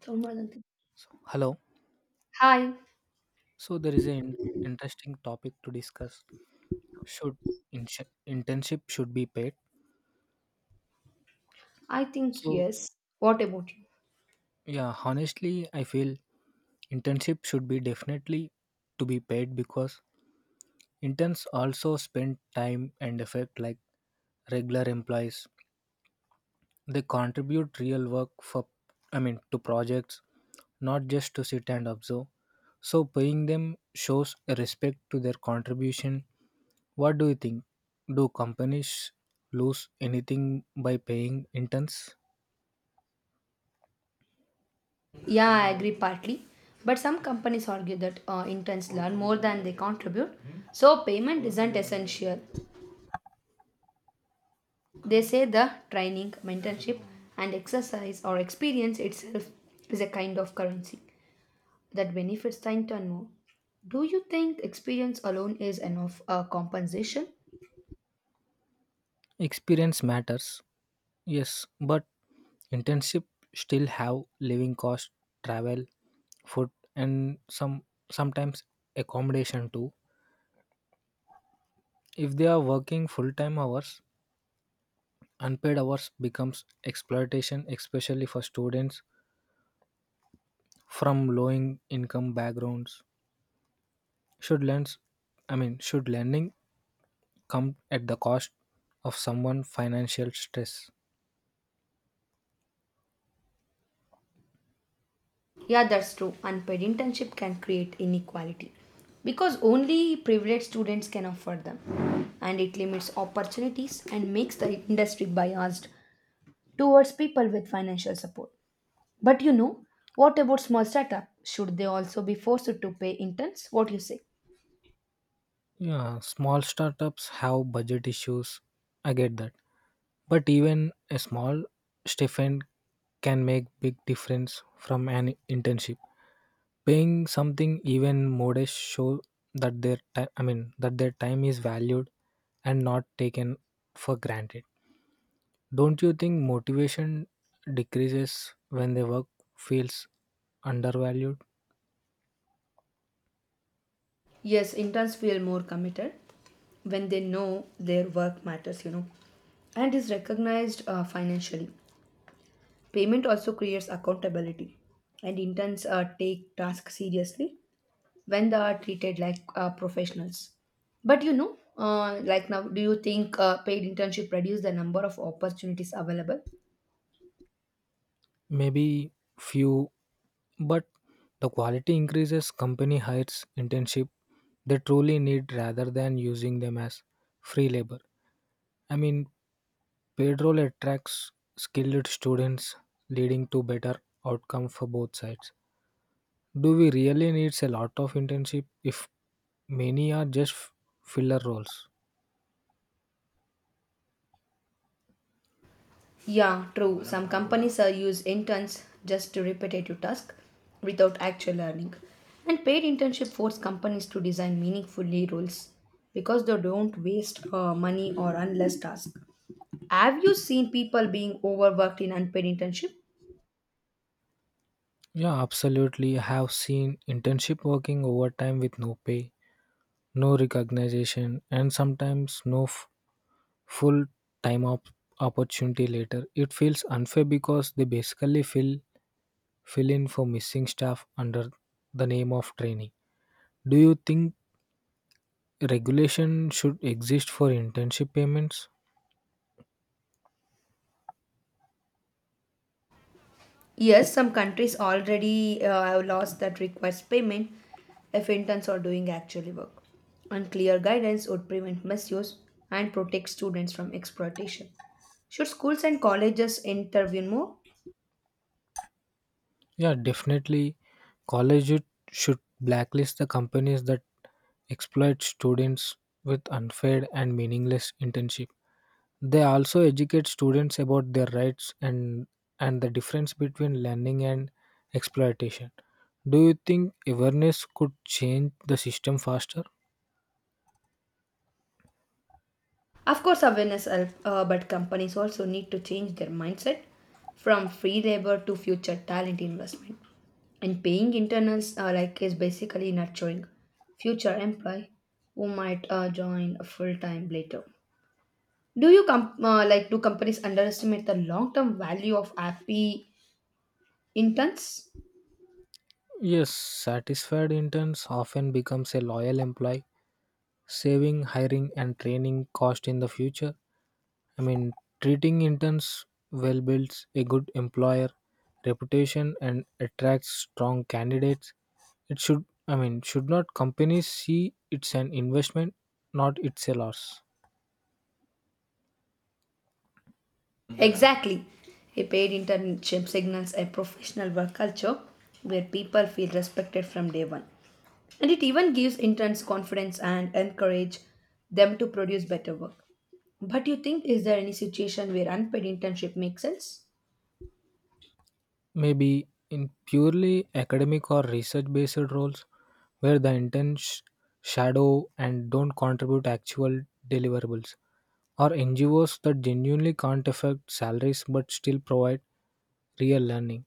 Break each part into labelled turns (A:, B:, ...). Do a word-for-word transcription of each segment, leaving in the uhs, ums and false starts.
A: Thermal and thin-
B: So, hello.
A: Hi,
B: So there is an interesting topic to discuss. Should insh- internship should be paid?
A: I think
B: So
A: yes. What about you?
B: yeah, honestly, I feel internship should be definitely to be paid because interns also spend time and effort like regular employees. They contribute real work for, I mean, to projects, not just to sit and observe. So paying them shows a respect to their contribution. What do you think? Do companies lose anything by paying interns?
A: Yeah, I agree partly. But some companies argue that uh, interns learn more than they contribute, so payment isn't essential. They say the training, mentorship, and exercise or experience itself is a kind of currency that benefits the intern more. Do you think experience alone is enough uh, compensation?
B: Experience matters, yes, but internship still have living cost, travel, food, and some sometimes accommodation too. If they are working full time hours, unpaid hours becomes exploitation, especially for students from low in- income backgrounds. Should lends, I mean, Should lending come at the cost of someone financial stress?
A: Yeah, that's true. Unpaid internship can create inequality because only privileged students can afford them, and it limits opportunities and makes the industry biased towards people with financial support. But you know, what about small startup? Should they also be forced to pay interns? What you say?
B: Yeah, small startups have budget issues. I get that. But even a small stipend can make big difference from an internship. Paying something even modest show that their time I mean that their time is valued and not taken for granted. Don't you think motivation decreases when the work feels undervalued?
A: Yes, interns feel more committed when they know their work matters, you know, and is recognized uh, financially. Payment also creates accountability, and interns uh, take tasks seriously when they are treated like uh, professionals. But you know, uh, like now, do you think uh, paid internship reduce the number of opportunities available?
B: Maybe few. But the quality increases company hires internship they truly need rather than using them as free labor. I mean, paid role attracts skilled students, leading to better outcome for both sides. Do we really need a lot of internship if many are just f- filler roles?
A: Yeah, true. Some companies uh, use interns just to repetitive task without actual learning. And paid internship force companies to design meaningfully roles because they don't waste uh, money or unless task. Have you seen people being overworked in unpaid internship?
B: Yeah, absolutely. I have seen internship working overtime with no pay, no recognition, and sometimes no f- full time op- opportunity later. It feels unfair because they basically fill fill in for missing staff under the name of training. Do you think regulation should exist for internship payments?
A: Yes, some countries already uh, have laws that requires payment if interns are doing actually work. And clear guidance would prevent misuse and protect students from exploitation. Should schools and colleges intervene more?
B: Yeah, definitely. College it should blacklist the companies that exploit students with unfair and meaningless internship. They also educate students about their rights and and the difference between learning and exploitation. Do you think awareness could change the system faster?
A: Of course, awareness helps, uh, but companies also need to change their mindset from free labor to future talent investment. And paying internals uh, like is basically nurturing future employee who might uh, join full time later. Do you com- uh, like do companies underestimate the long-term value of happy interns?
B: Yes, satisfied interns often becomes a loyal employee, saving hiring and training cost in the future. I mean, treating interns well builds a good employer reputation and attracts strong candidates. It should I mean, Should not companies see it's an investment, not it's a loss?
A: Exactly. A paid internship signals a professional work culture where people feel respected from day one. And it even gives interns confidence and encourage them to produce better work. But you think is there any situation where unpaid internship makes sense?
B: Maybe in purely academic or research based roles where the intents shadow and don't contribute actual deliverables, or N G Os that genuinely can't affect salaries but still provide real learning.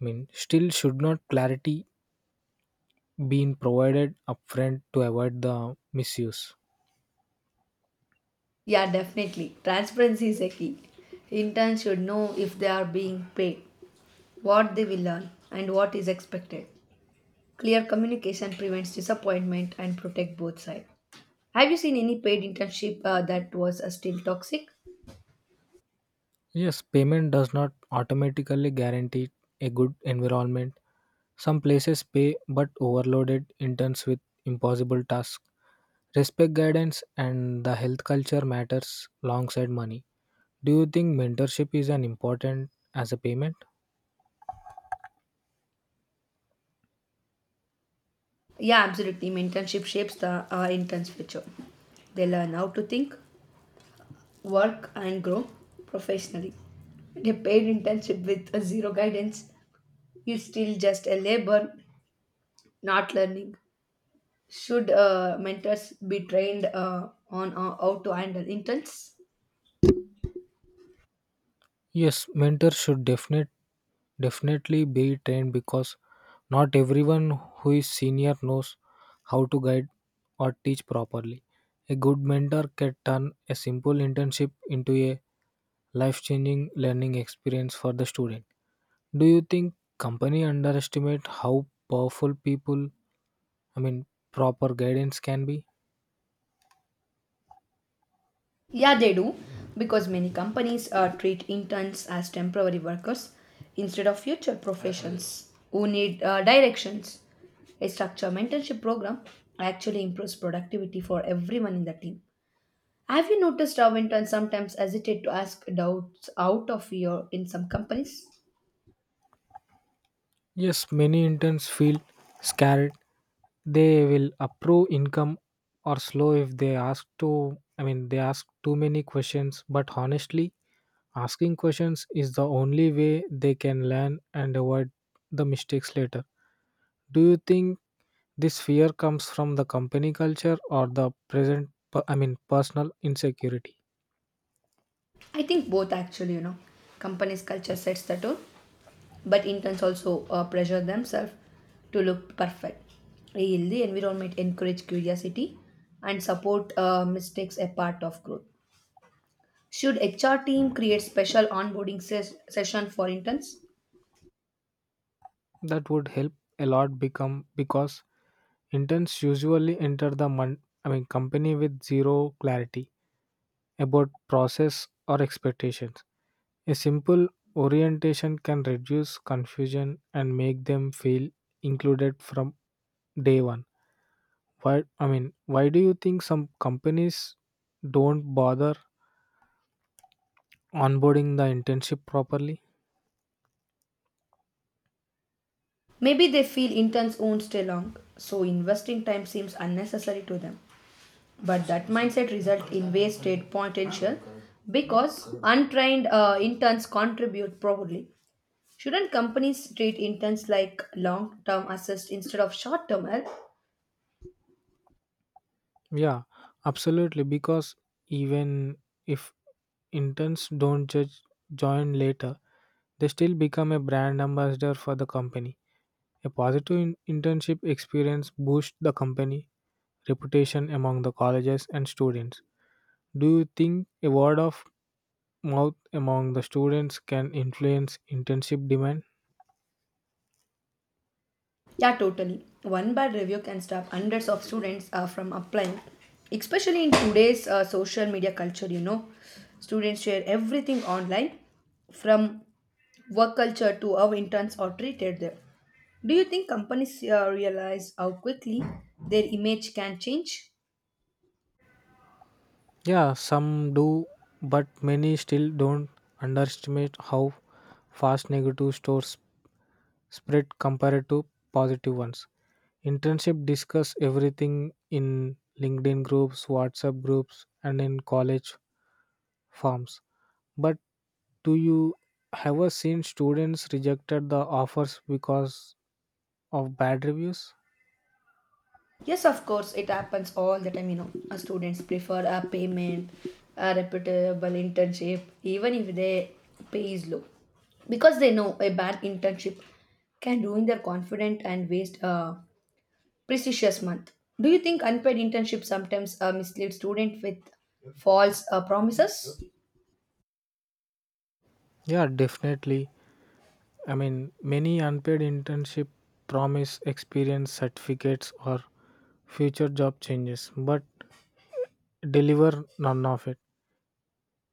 B: I mean, still should not clarity being provided upfront to avoid the misuse?
A: Yeah, definitely. Transparency is a key. Interns should know if they are being paid, what they will learn, and what is expected. Clear communication prevents disappointment and protect both sides. Have you seen any paid internship uh, that was uh, still toxic?
B: Yes, payment does not automatically guarantee a good environment. Some places pay but overloaded interns with impossible tasks. Respect guidance and the health culture matters alongside money. Do you think mentorship is an important as a payment?
A: Yeah, absolutely. Internship shapes the uh, intern's future. They learn how to think, work, and grow professionally. A paid internship with uh, zero guidance is still just a labor, not learning. Should uh, mentors be trained uh, on uh, how to handle interns?
B: Yes, mentors should definite, definitely be trained because not everyone who is senior knows how to guide or teach properly. A good mentor can turn a simple internship into a life changing learning experience for the student. Do you think company underestimate how powerful people, I mean, proper guidance can be?
A: Yeah, they do, because many companies uh, treat interns as temporary workers instead of future professions who need uh, directions. A structured mentorship program actually improves productivity for everyone in the team. Have you noticed how interns sometimes hesitate to ask doubts out of fear in some companies?
B: Yes, many interns feel scared. They will approve income or slow if they ask to I mean they ask too many questions, but honestly, asking questions is the only way they can learn and avoid the mistakes later. Do you think this fear comes from the company culture or the present per- I mean personal insecurity?
A: I think both actually, you know. Companies' culture sets the tone, but interns also uh, pressure themselves to look perfect. A healthy environment encourage curiosity and support uh, mistakes a part of growth. Should H R team create special onboarding ses- session for interns?
B: That would help a lot become because interns usually enter the mon- I mean company with zero clarity about process or expectations. A simple orientation can reduce confusion and make them feel included from day one. Why I mean, why do you think some companies don't bother onboarding the internship properly?
A: Maybe they feel interns won't stay long, so investing time seems unnecessary to them. But that mindset results in wasted potential because untrained uh, interns contribute properly. Shouldn't companies treat interns like long term assist instead of short term help?
B: Yeah, absolutely because even if interns don't just join later, they still become a brand ambassador for the company. A positive in- internship experience boosts the company reputation among the colleges and students. Do you think a word of mouth among the students can influence internship demand?
A: Yeah, totally. One bad review can stop hundreds of students uh, from applying, especially in today's uh, social media culture. You know, students share everything online from work culture to how interns are treated there. Do you think companies uh, realize how quickly their image can change?
B: Yeah, some do, but many still don't underestimate how fast negative stories spread compared to positive ones. Internship discuss everything in LinkedIn groups, WhatsApp groups, and in college forums. But do you ever seen students rejected the offers because of bad reviews?
A: Yes, of course, it happens all the time. You know, Uh, students prefer a payment, a reputable internship, even if they pay is low, because they know a bad internship can ruin their confidence and waste a precious month. Do you think unpaid internships sometimes uh, mislead students with false uh, promises?
B: Yeah, definitely. I mean, many unpaid internship promise experience certificates or future job changes, but deliver none of it.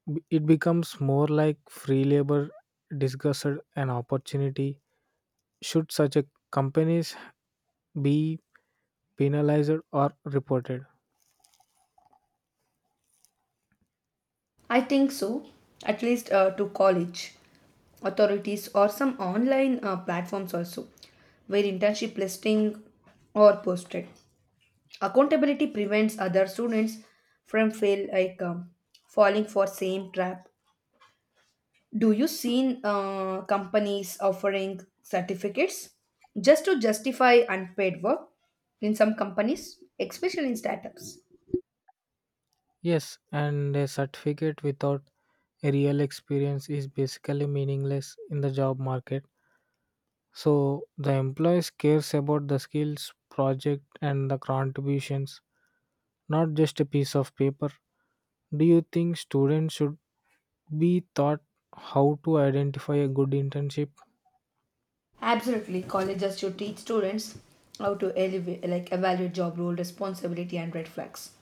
B: B- It becomes more like free labor disguised an opportunity. Should such a companies be penalized or reported?
A: I think so, at least uh, to college authorities or some online uh, platforms also, where internship listing or posted. Accountability prevents other students from fail like um, falling for same trap. Do you seen uh, companies offering certificates just to justify unpaid work in some companies, especially in startups?
B: Yes, and a certificate without a real experience is basically meaningless in the job market. So the employees cares about the skills, project and the contributions, not just a piece of paper. Do you think students should be taught how to identify a good internship
A: Absolutely, colleges should teach students how to elevate, like evaluate job role, responsibility, and red flags.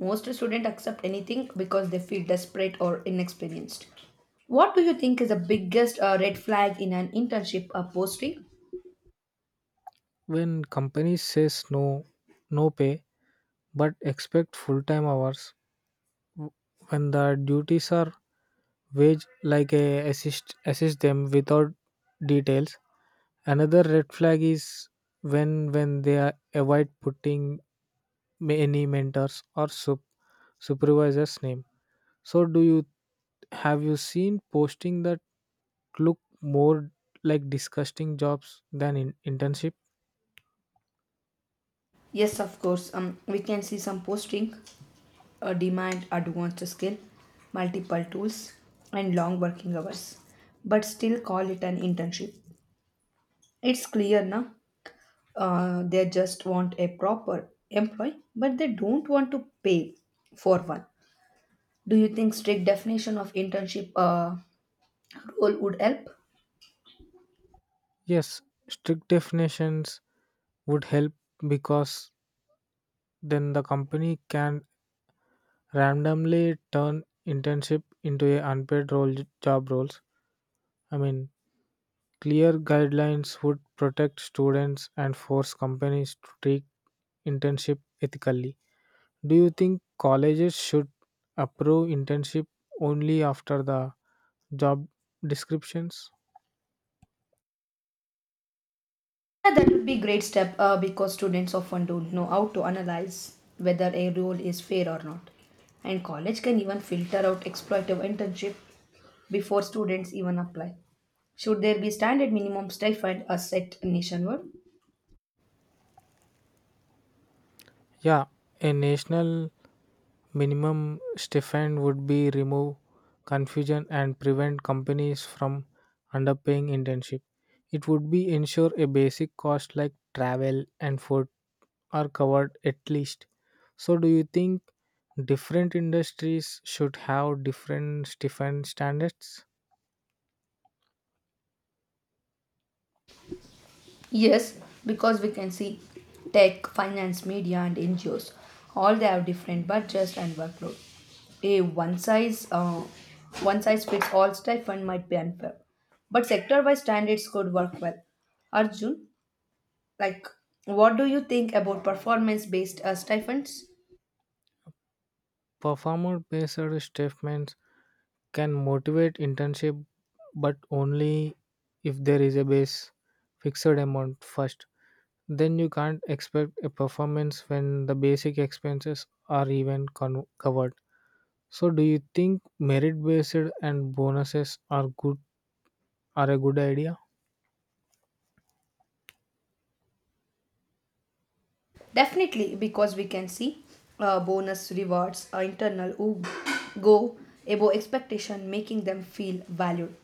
A: Most students accept anything because they feel desperate or inexperienced. What do you think is the biggest uh, red flag in an internship uh, posting?
B: when companies says no no pay but expect full time hours w- when the duties are wage like a assist assist them without details. Another red flag is when when they are avoid putting many mentors or sup supervisor's name. So do you have you seen posting that look more like disgusting jobs than in internship?
A: Yes, of course. Um, we can see some posting uh, demand advanced skill, multiple tools, and long working hours, but still call it an internship. It's clear now. Uh, they just want a proper employee, but they don't want to pay for one. Do you think strict definition of internship uh, role would help?
B: Yes, strict definitions would help because then the company can randomly turn internship into a unpaid role job roles. I mean, clear guidelines would protect students and force companies to treat internship ethically. Do you think colleges should approve internship only after the job descriptions?
A: Yeah, that would be great step uh, because students often don't know how to analyze whether a role is fair or not. And college can even filter out exploitative internship before students even apply. Should there be standard minimum stipend as set nationwide?
B: Yeah, a national minimum stipend would be remove confusion and prevent companies from underpaying internship. It would be ensure a basic cost like travel and food are covered at least. So do you think different industries should have different stipend standards?
A: Yes, because we can see tech, finance, media, and N G Os. All they have different budgets and workload. A one size uh, one size fits all stipend might be unfair, but sector wise standards could work well. Arjun, like, what do you think about performance based uh, stipends?
B: Performer based statements can motivate internship but only if there is a base fixed amount first. Then you can't expect a performance when the basic expenses are even con- covered. So do you think merit based and bonuses are good are a good idea?
A: Definitely, because we can see uh, bonus rewards, uh, internal who go above expectation, making them feel valued.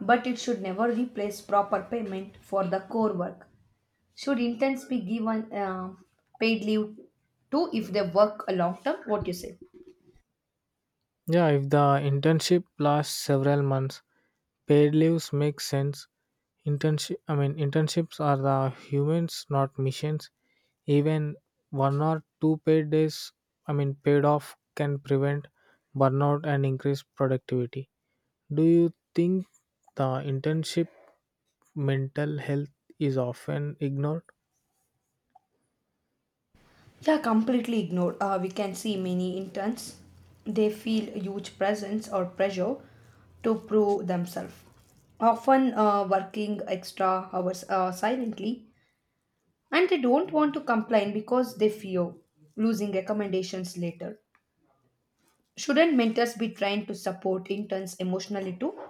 A: But it should never replace proper payment for the core work. Should interns be given uh, paid leave too if they work a long term? What you say?
B: Yeah, if the internship lasts several months paid leaves make sense. Internship i mean internships are the humans not missions. Even one or two paid days, I mean, paid off can prevent burnout and increase productivity. Do you think the internship mental health is often ignored?
A: Yeah, completely ignored. Uh, we can see many interns. They feel huge presence or pressure to prove themselves. Often uh, working extra hours uh, silently and they don't want to complain because they fear losing recommendations later. Shouldn't mentors be trying to support interns emotionally too?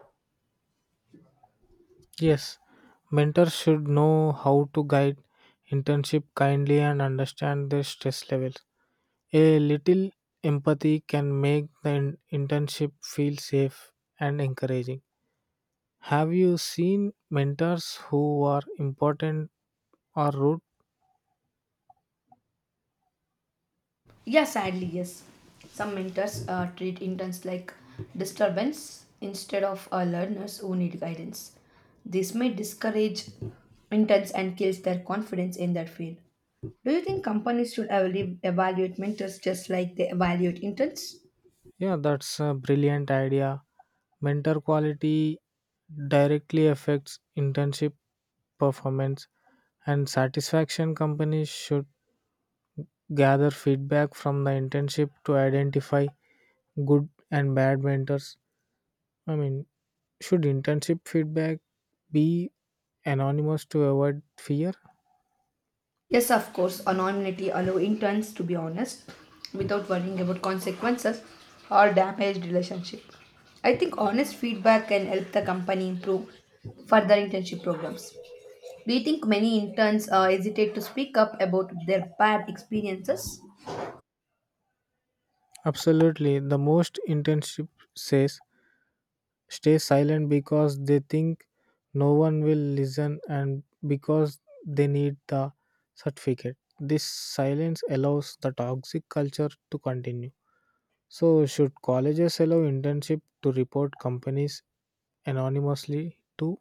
B: Yes, mentors should know how to guide internship kindly and understand their stress levels. A little empathy can make the in- internship feel safe and encouraging. Have you seen mentors who are important or rude?
A: Yeah, sadly, yes. Some mentors uh, treat interns like disturbance instead of uh, learners who need guidance. This may discourage interns and kills their confidence in their field. Do you think companies should evalu- evaluate mentors just like they evaluate interns?
B: Yeah, that's a brilliant idea. Mentor quality directly affects internship performance and satisfaction. Companies should gather feedback from the internship to identify good and bad mentors. I mean, should internship feedback be anonymous to avoid fear?
A: Yes, of course, anonymity allow interns to be honest without worrying about consequences or damaged relationship. I think honest feedback can help the company improve further internship programs. Do you think many interns uh, hesitate to speak up about their bad experiences?
B: Absolutely. The most internship says stay silent because they think no one will listen and because they need the certificate. This silence allows the toxic culture to continue. So, should colleges allow internship to report companies anonymously to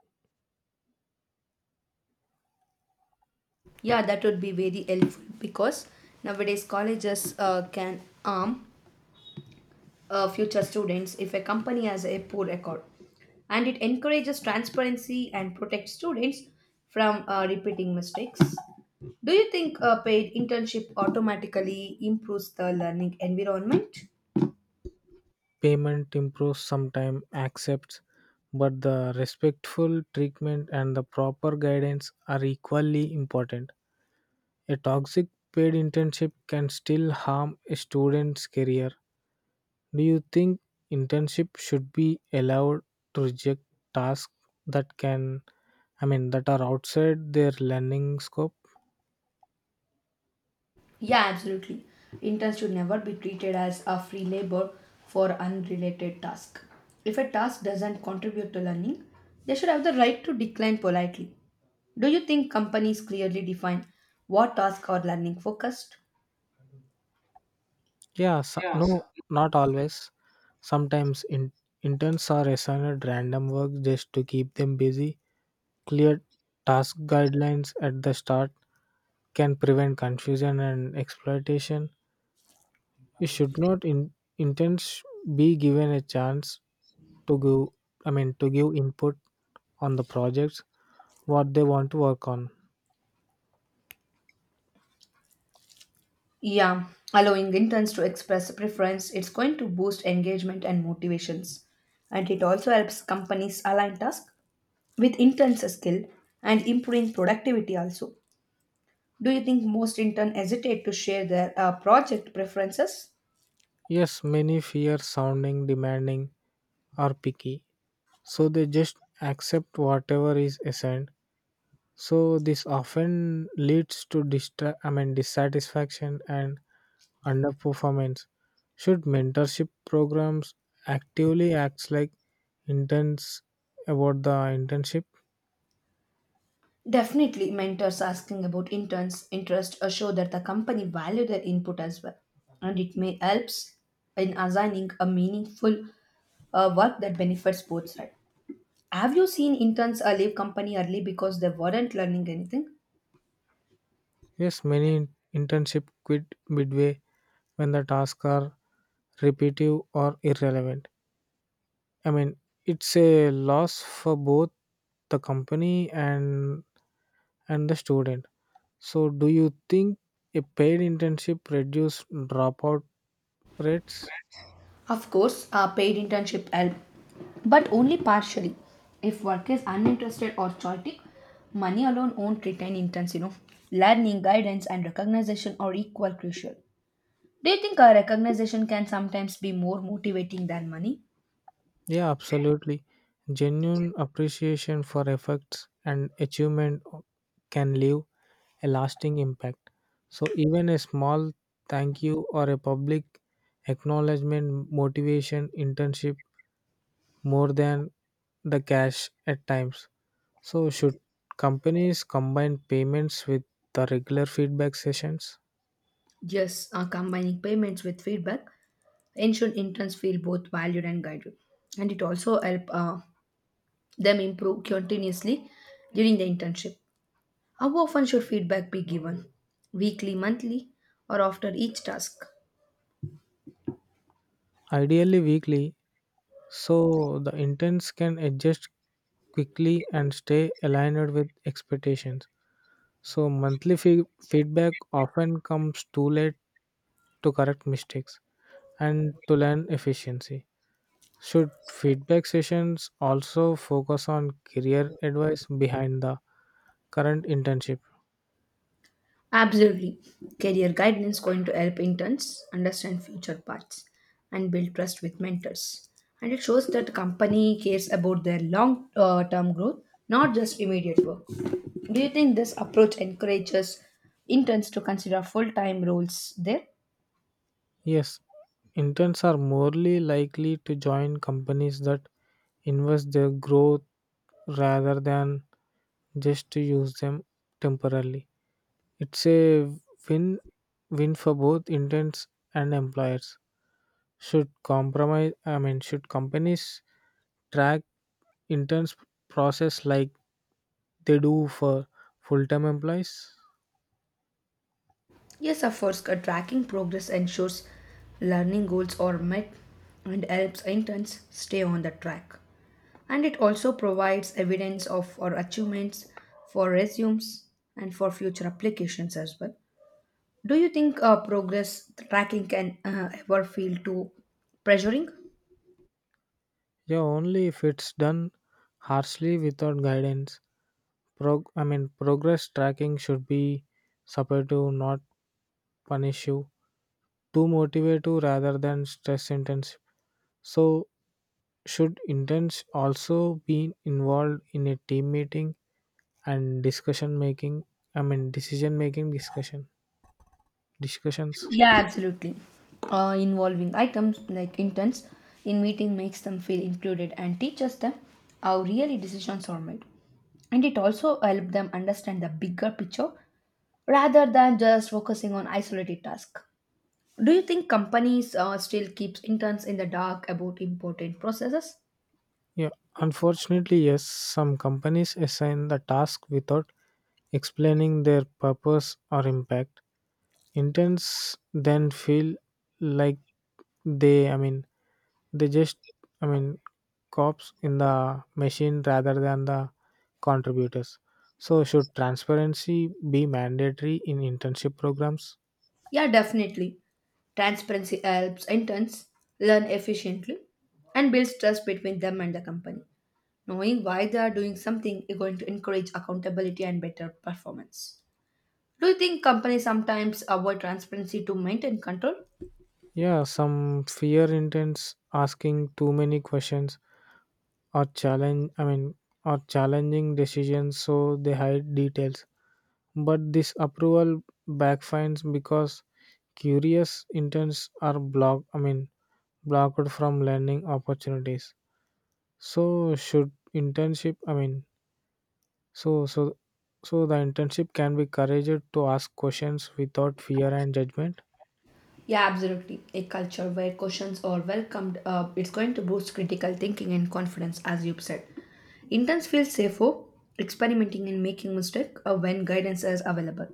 A: Yeah, that would be very helpful because nowadays colleges uh, can arm uh, future students if a company has a poor record. And it encourages transparency and protects students from uh, repeating mistakes. Do you think a paid internship automatically improves the learning environment?
B: payment improves sometime accepts, but the respectful treatment and the proper guidance are equally important. A toxic paid internship can still harm a student's career. Do you think internship should be allowed to reject tasks that can, I mean, that are outside their learning scope?
A: Yeah, absolutely. Interns should never be treated as a free labor for unrelated task. If a task doesn't contribute to learning, they should have the right to decline politely. Do you think companies clearly define what tasks are learning focused?
B: Yeah, so, no, not always. Sometimes in, interns are assigned random work just to keep them busy. Clear task guidelines at the start can prevent confusion and exploitation. You should not in, interns be given a chance to give, I mean, to give input on the projects what they want to work on.
A: Yeah, allowing interns to express preference, it's going to boost engagement and motivations. And it also helps companies align tasks with interns' skill and improving productivity also. Do you think most interns hesitate to share their uh, project preferences?
B: Yes, many fear sounding demanding or picky, so they just accept whatever is assigned. So this often leads to distra- I mean dissatisfaction and underperformance. Should mentorship programs actively acts like interns about the internship?
A: Definitely, mentors asking about interns' interest assure that the company value their input as well. And it may helps in assigning a meaningful uh, work that benefits both sides. Have you seen interns uh, leave company early because they weren't learning anything?
B: Yes, many internship quit midway when the tasks are repetitive or irrelevant. I mean, it's a loss for both the company and and the student. So, do you think a paid internship reduce dropout rates?
A: Of course, uh, paid internship help, but only partially. If work is uninterested or chaotic, money alone won't retain interns. You know, learning, guidance, and recognition are equal crucial. Do you think uh, recognition can sometimes be more motivating than money?
B: Yeah, absolutely. Genuine appreciation for efforts and achievement can leave a lasting impact. So, even a small thank you or a public acknowledgement motivation internship more than the cash at times. So, should companies combine payments with the regular feedback sessions?
A: Yes, uh, combining payments with feedback ensure interns feel both valued and guided, and it also help. Uh, them improve continuously during the internship. How often should feedback be given? Weekly, monthly, or after each task?
B: Ideally, weekly, so the interns can adjust quickly and stay aligned with expectations. So, monthly fee- feedback often comes too late to correct mistakes and to learn efficiency. Should feedback sessions also focus on career advice behind the current internship?
A: Absolutely. Career guidance going to help interns understand future paths and build trust with mentors. And it shows that the company cares about their long uh, term growth, not just immediate work. Do you think this approach encourages interns to consider full time roles there?
B: Yes, interns are morely likely to join companies that invest their growth rather than just to use them temporarily. It's a win win for both intents and employers. Should compromise I mean Should companies track interns process like they do for full time employees?
A: Yes, of course, uh, tracking progress ensures learning goals are met and helps interns stay on the track. And it also provides evidence of our achievements for resumes and for future applications as well. Do you think uh, progress tracking can uh, ever feel too pressuring?
B: Yeah, only if it's done harshly without guidance. Prog- I mean progress tracking should be supportive, not punish you. Too motivated rather than stress intense. So, should interns also be involved in a team meeting and discussion making? I mean, decision making discussion discussions.
A: Yeah, absolutely. Uh, involving items like intents in meeting makes them feel included and teaches them how really decisions are made. And it also helps them understand the bigger picture rather than just focusing on isolated tasks. Do you think companies uh, still keeps interns in the dark about important processes?
B: Yeah, unfortunately, yes. Some companies assign the task without explaining their purpose or impact. Interns then feel like they, I mean, they just i mean cops in the machine rather than the contributors. So should transparency be mandatory in internship programs?
A: Yeah, definitely. Transparency helps interns learn efficiently and builds trust between them and the company. Knowing why they are doing something is going to encourage accountability and better performance. Do you think companies sometimes avoid transparency to maintain control?
B: Yeah, some fear intense asking too many questions or challenge I mean or challenging decisions, so they hide details. But this approval backfires because curious interns are blocked I mean blocked from learning opportunities. So should internship I mean So, so, so the internship can be encouraged to ask questions without fear and judgment.
A: Yeah, absolutely. A culture where questions are welcomed, uh, it's going to boost critical thinking and confidence, as you've said. Interns feel safer experimenting and making mistakes uh, when guidance is available.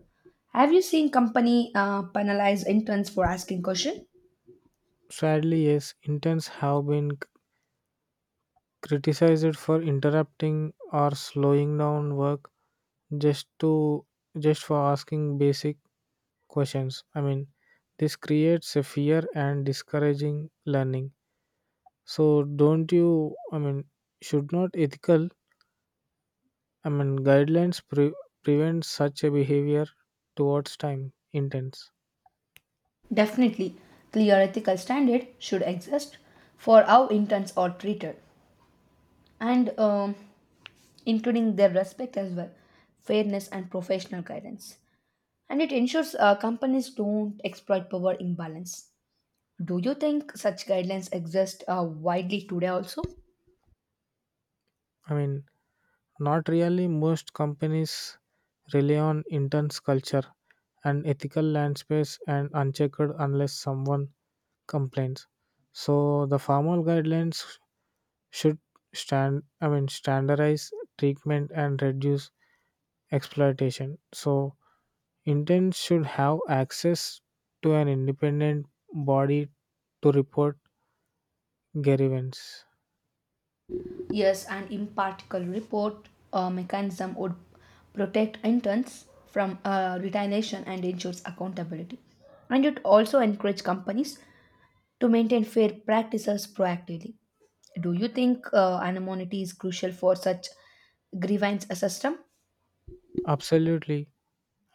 A: Have you seen company uh, penalize interns for asking questions?
B: Sadly, yes, interns have been c- criticized for interrupting or slowing down work just to just for asking basic questions. I mean, this creates a fear and discouraging learning. So, don't you? I mean, should not ethical, I mean, guidelines pre- prevent such a behavior towards time interns.
A: Definitely, clear ethical standard should exist for how interns are treated. and um, including their respect as well, fairness, and professional guidance. And it ensures uh, companies don't exploit power imbalance. Do you think such guidelines exist uh, widely today also?
B: I mean Not really. Most companies rely on intense culture and ethical land space and unchecked unless someone complains. So the formal guidelines should stand I mean standardize treatment and reduce exploitation. So interns should have access to an independent body to report grievance.
A: Yes, an impartial report uh, mechanism would protect interns from uh, retaliation and ensures accountability. And it also encourage companies to maintain fair practices proactively. Do you think uh, anonymity is crucial for such grievance system?
B: Absolutely.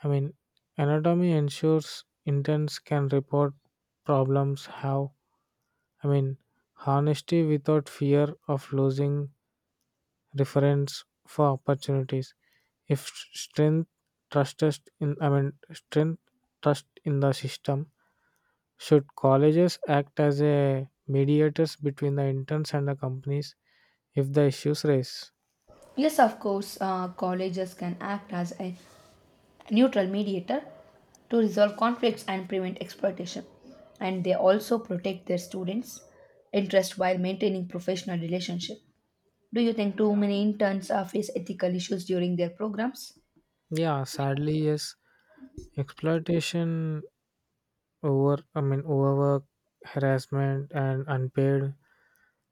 B: I mean, anatomy ensures interns can report problems how I mean honesty without fear of losing reference for opportunities. If s- strength trusted in I mean strength trust in the system, should colleges act as a mediators between the interns and the companies if the issues raise?
A: Yes, of course, uh, colleges can act as a neutral mediator to resolve conflicts and prevent exploitation. And they also protect their students' interest while maintaining professional relationship. Do you think too many interns uh, face ethical issues during their programs?
B: Yeah, sadly yes. Exploitation over I mean overwork, harassment and unpaid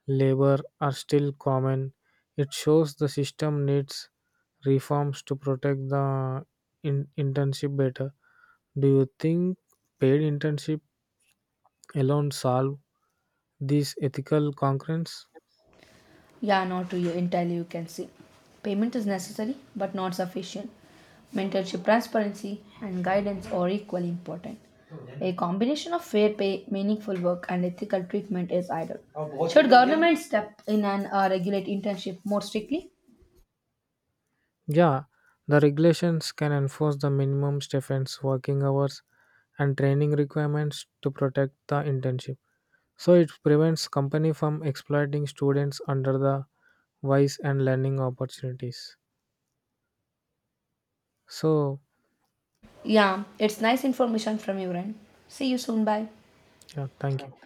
B: labor are still common. It shows the system needs reforms to protect the in- internship better. Do you think paid internship alone solve these ethical concerns?
A: Yeah, not to you entirely, you can say. Payment is necessary but not sufficient. Mentorship, transparency, and guidance are equally important. A combination of fair pay, meaningful work, and ethical treatment is ideal. Should government step in and uh, regulate internship more strictly?
B: Yeah, the regulations can enforce the minimum stipends, working hours, and training requirements to protect the internship. So it prevents company from exploiting students under the wise and learning opportunities. So
A: Yeah, it's nice information from you, Ren. See you soon. Bye.
B: yeah, thank you.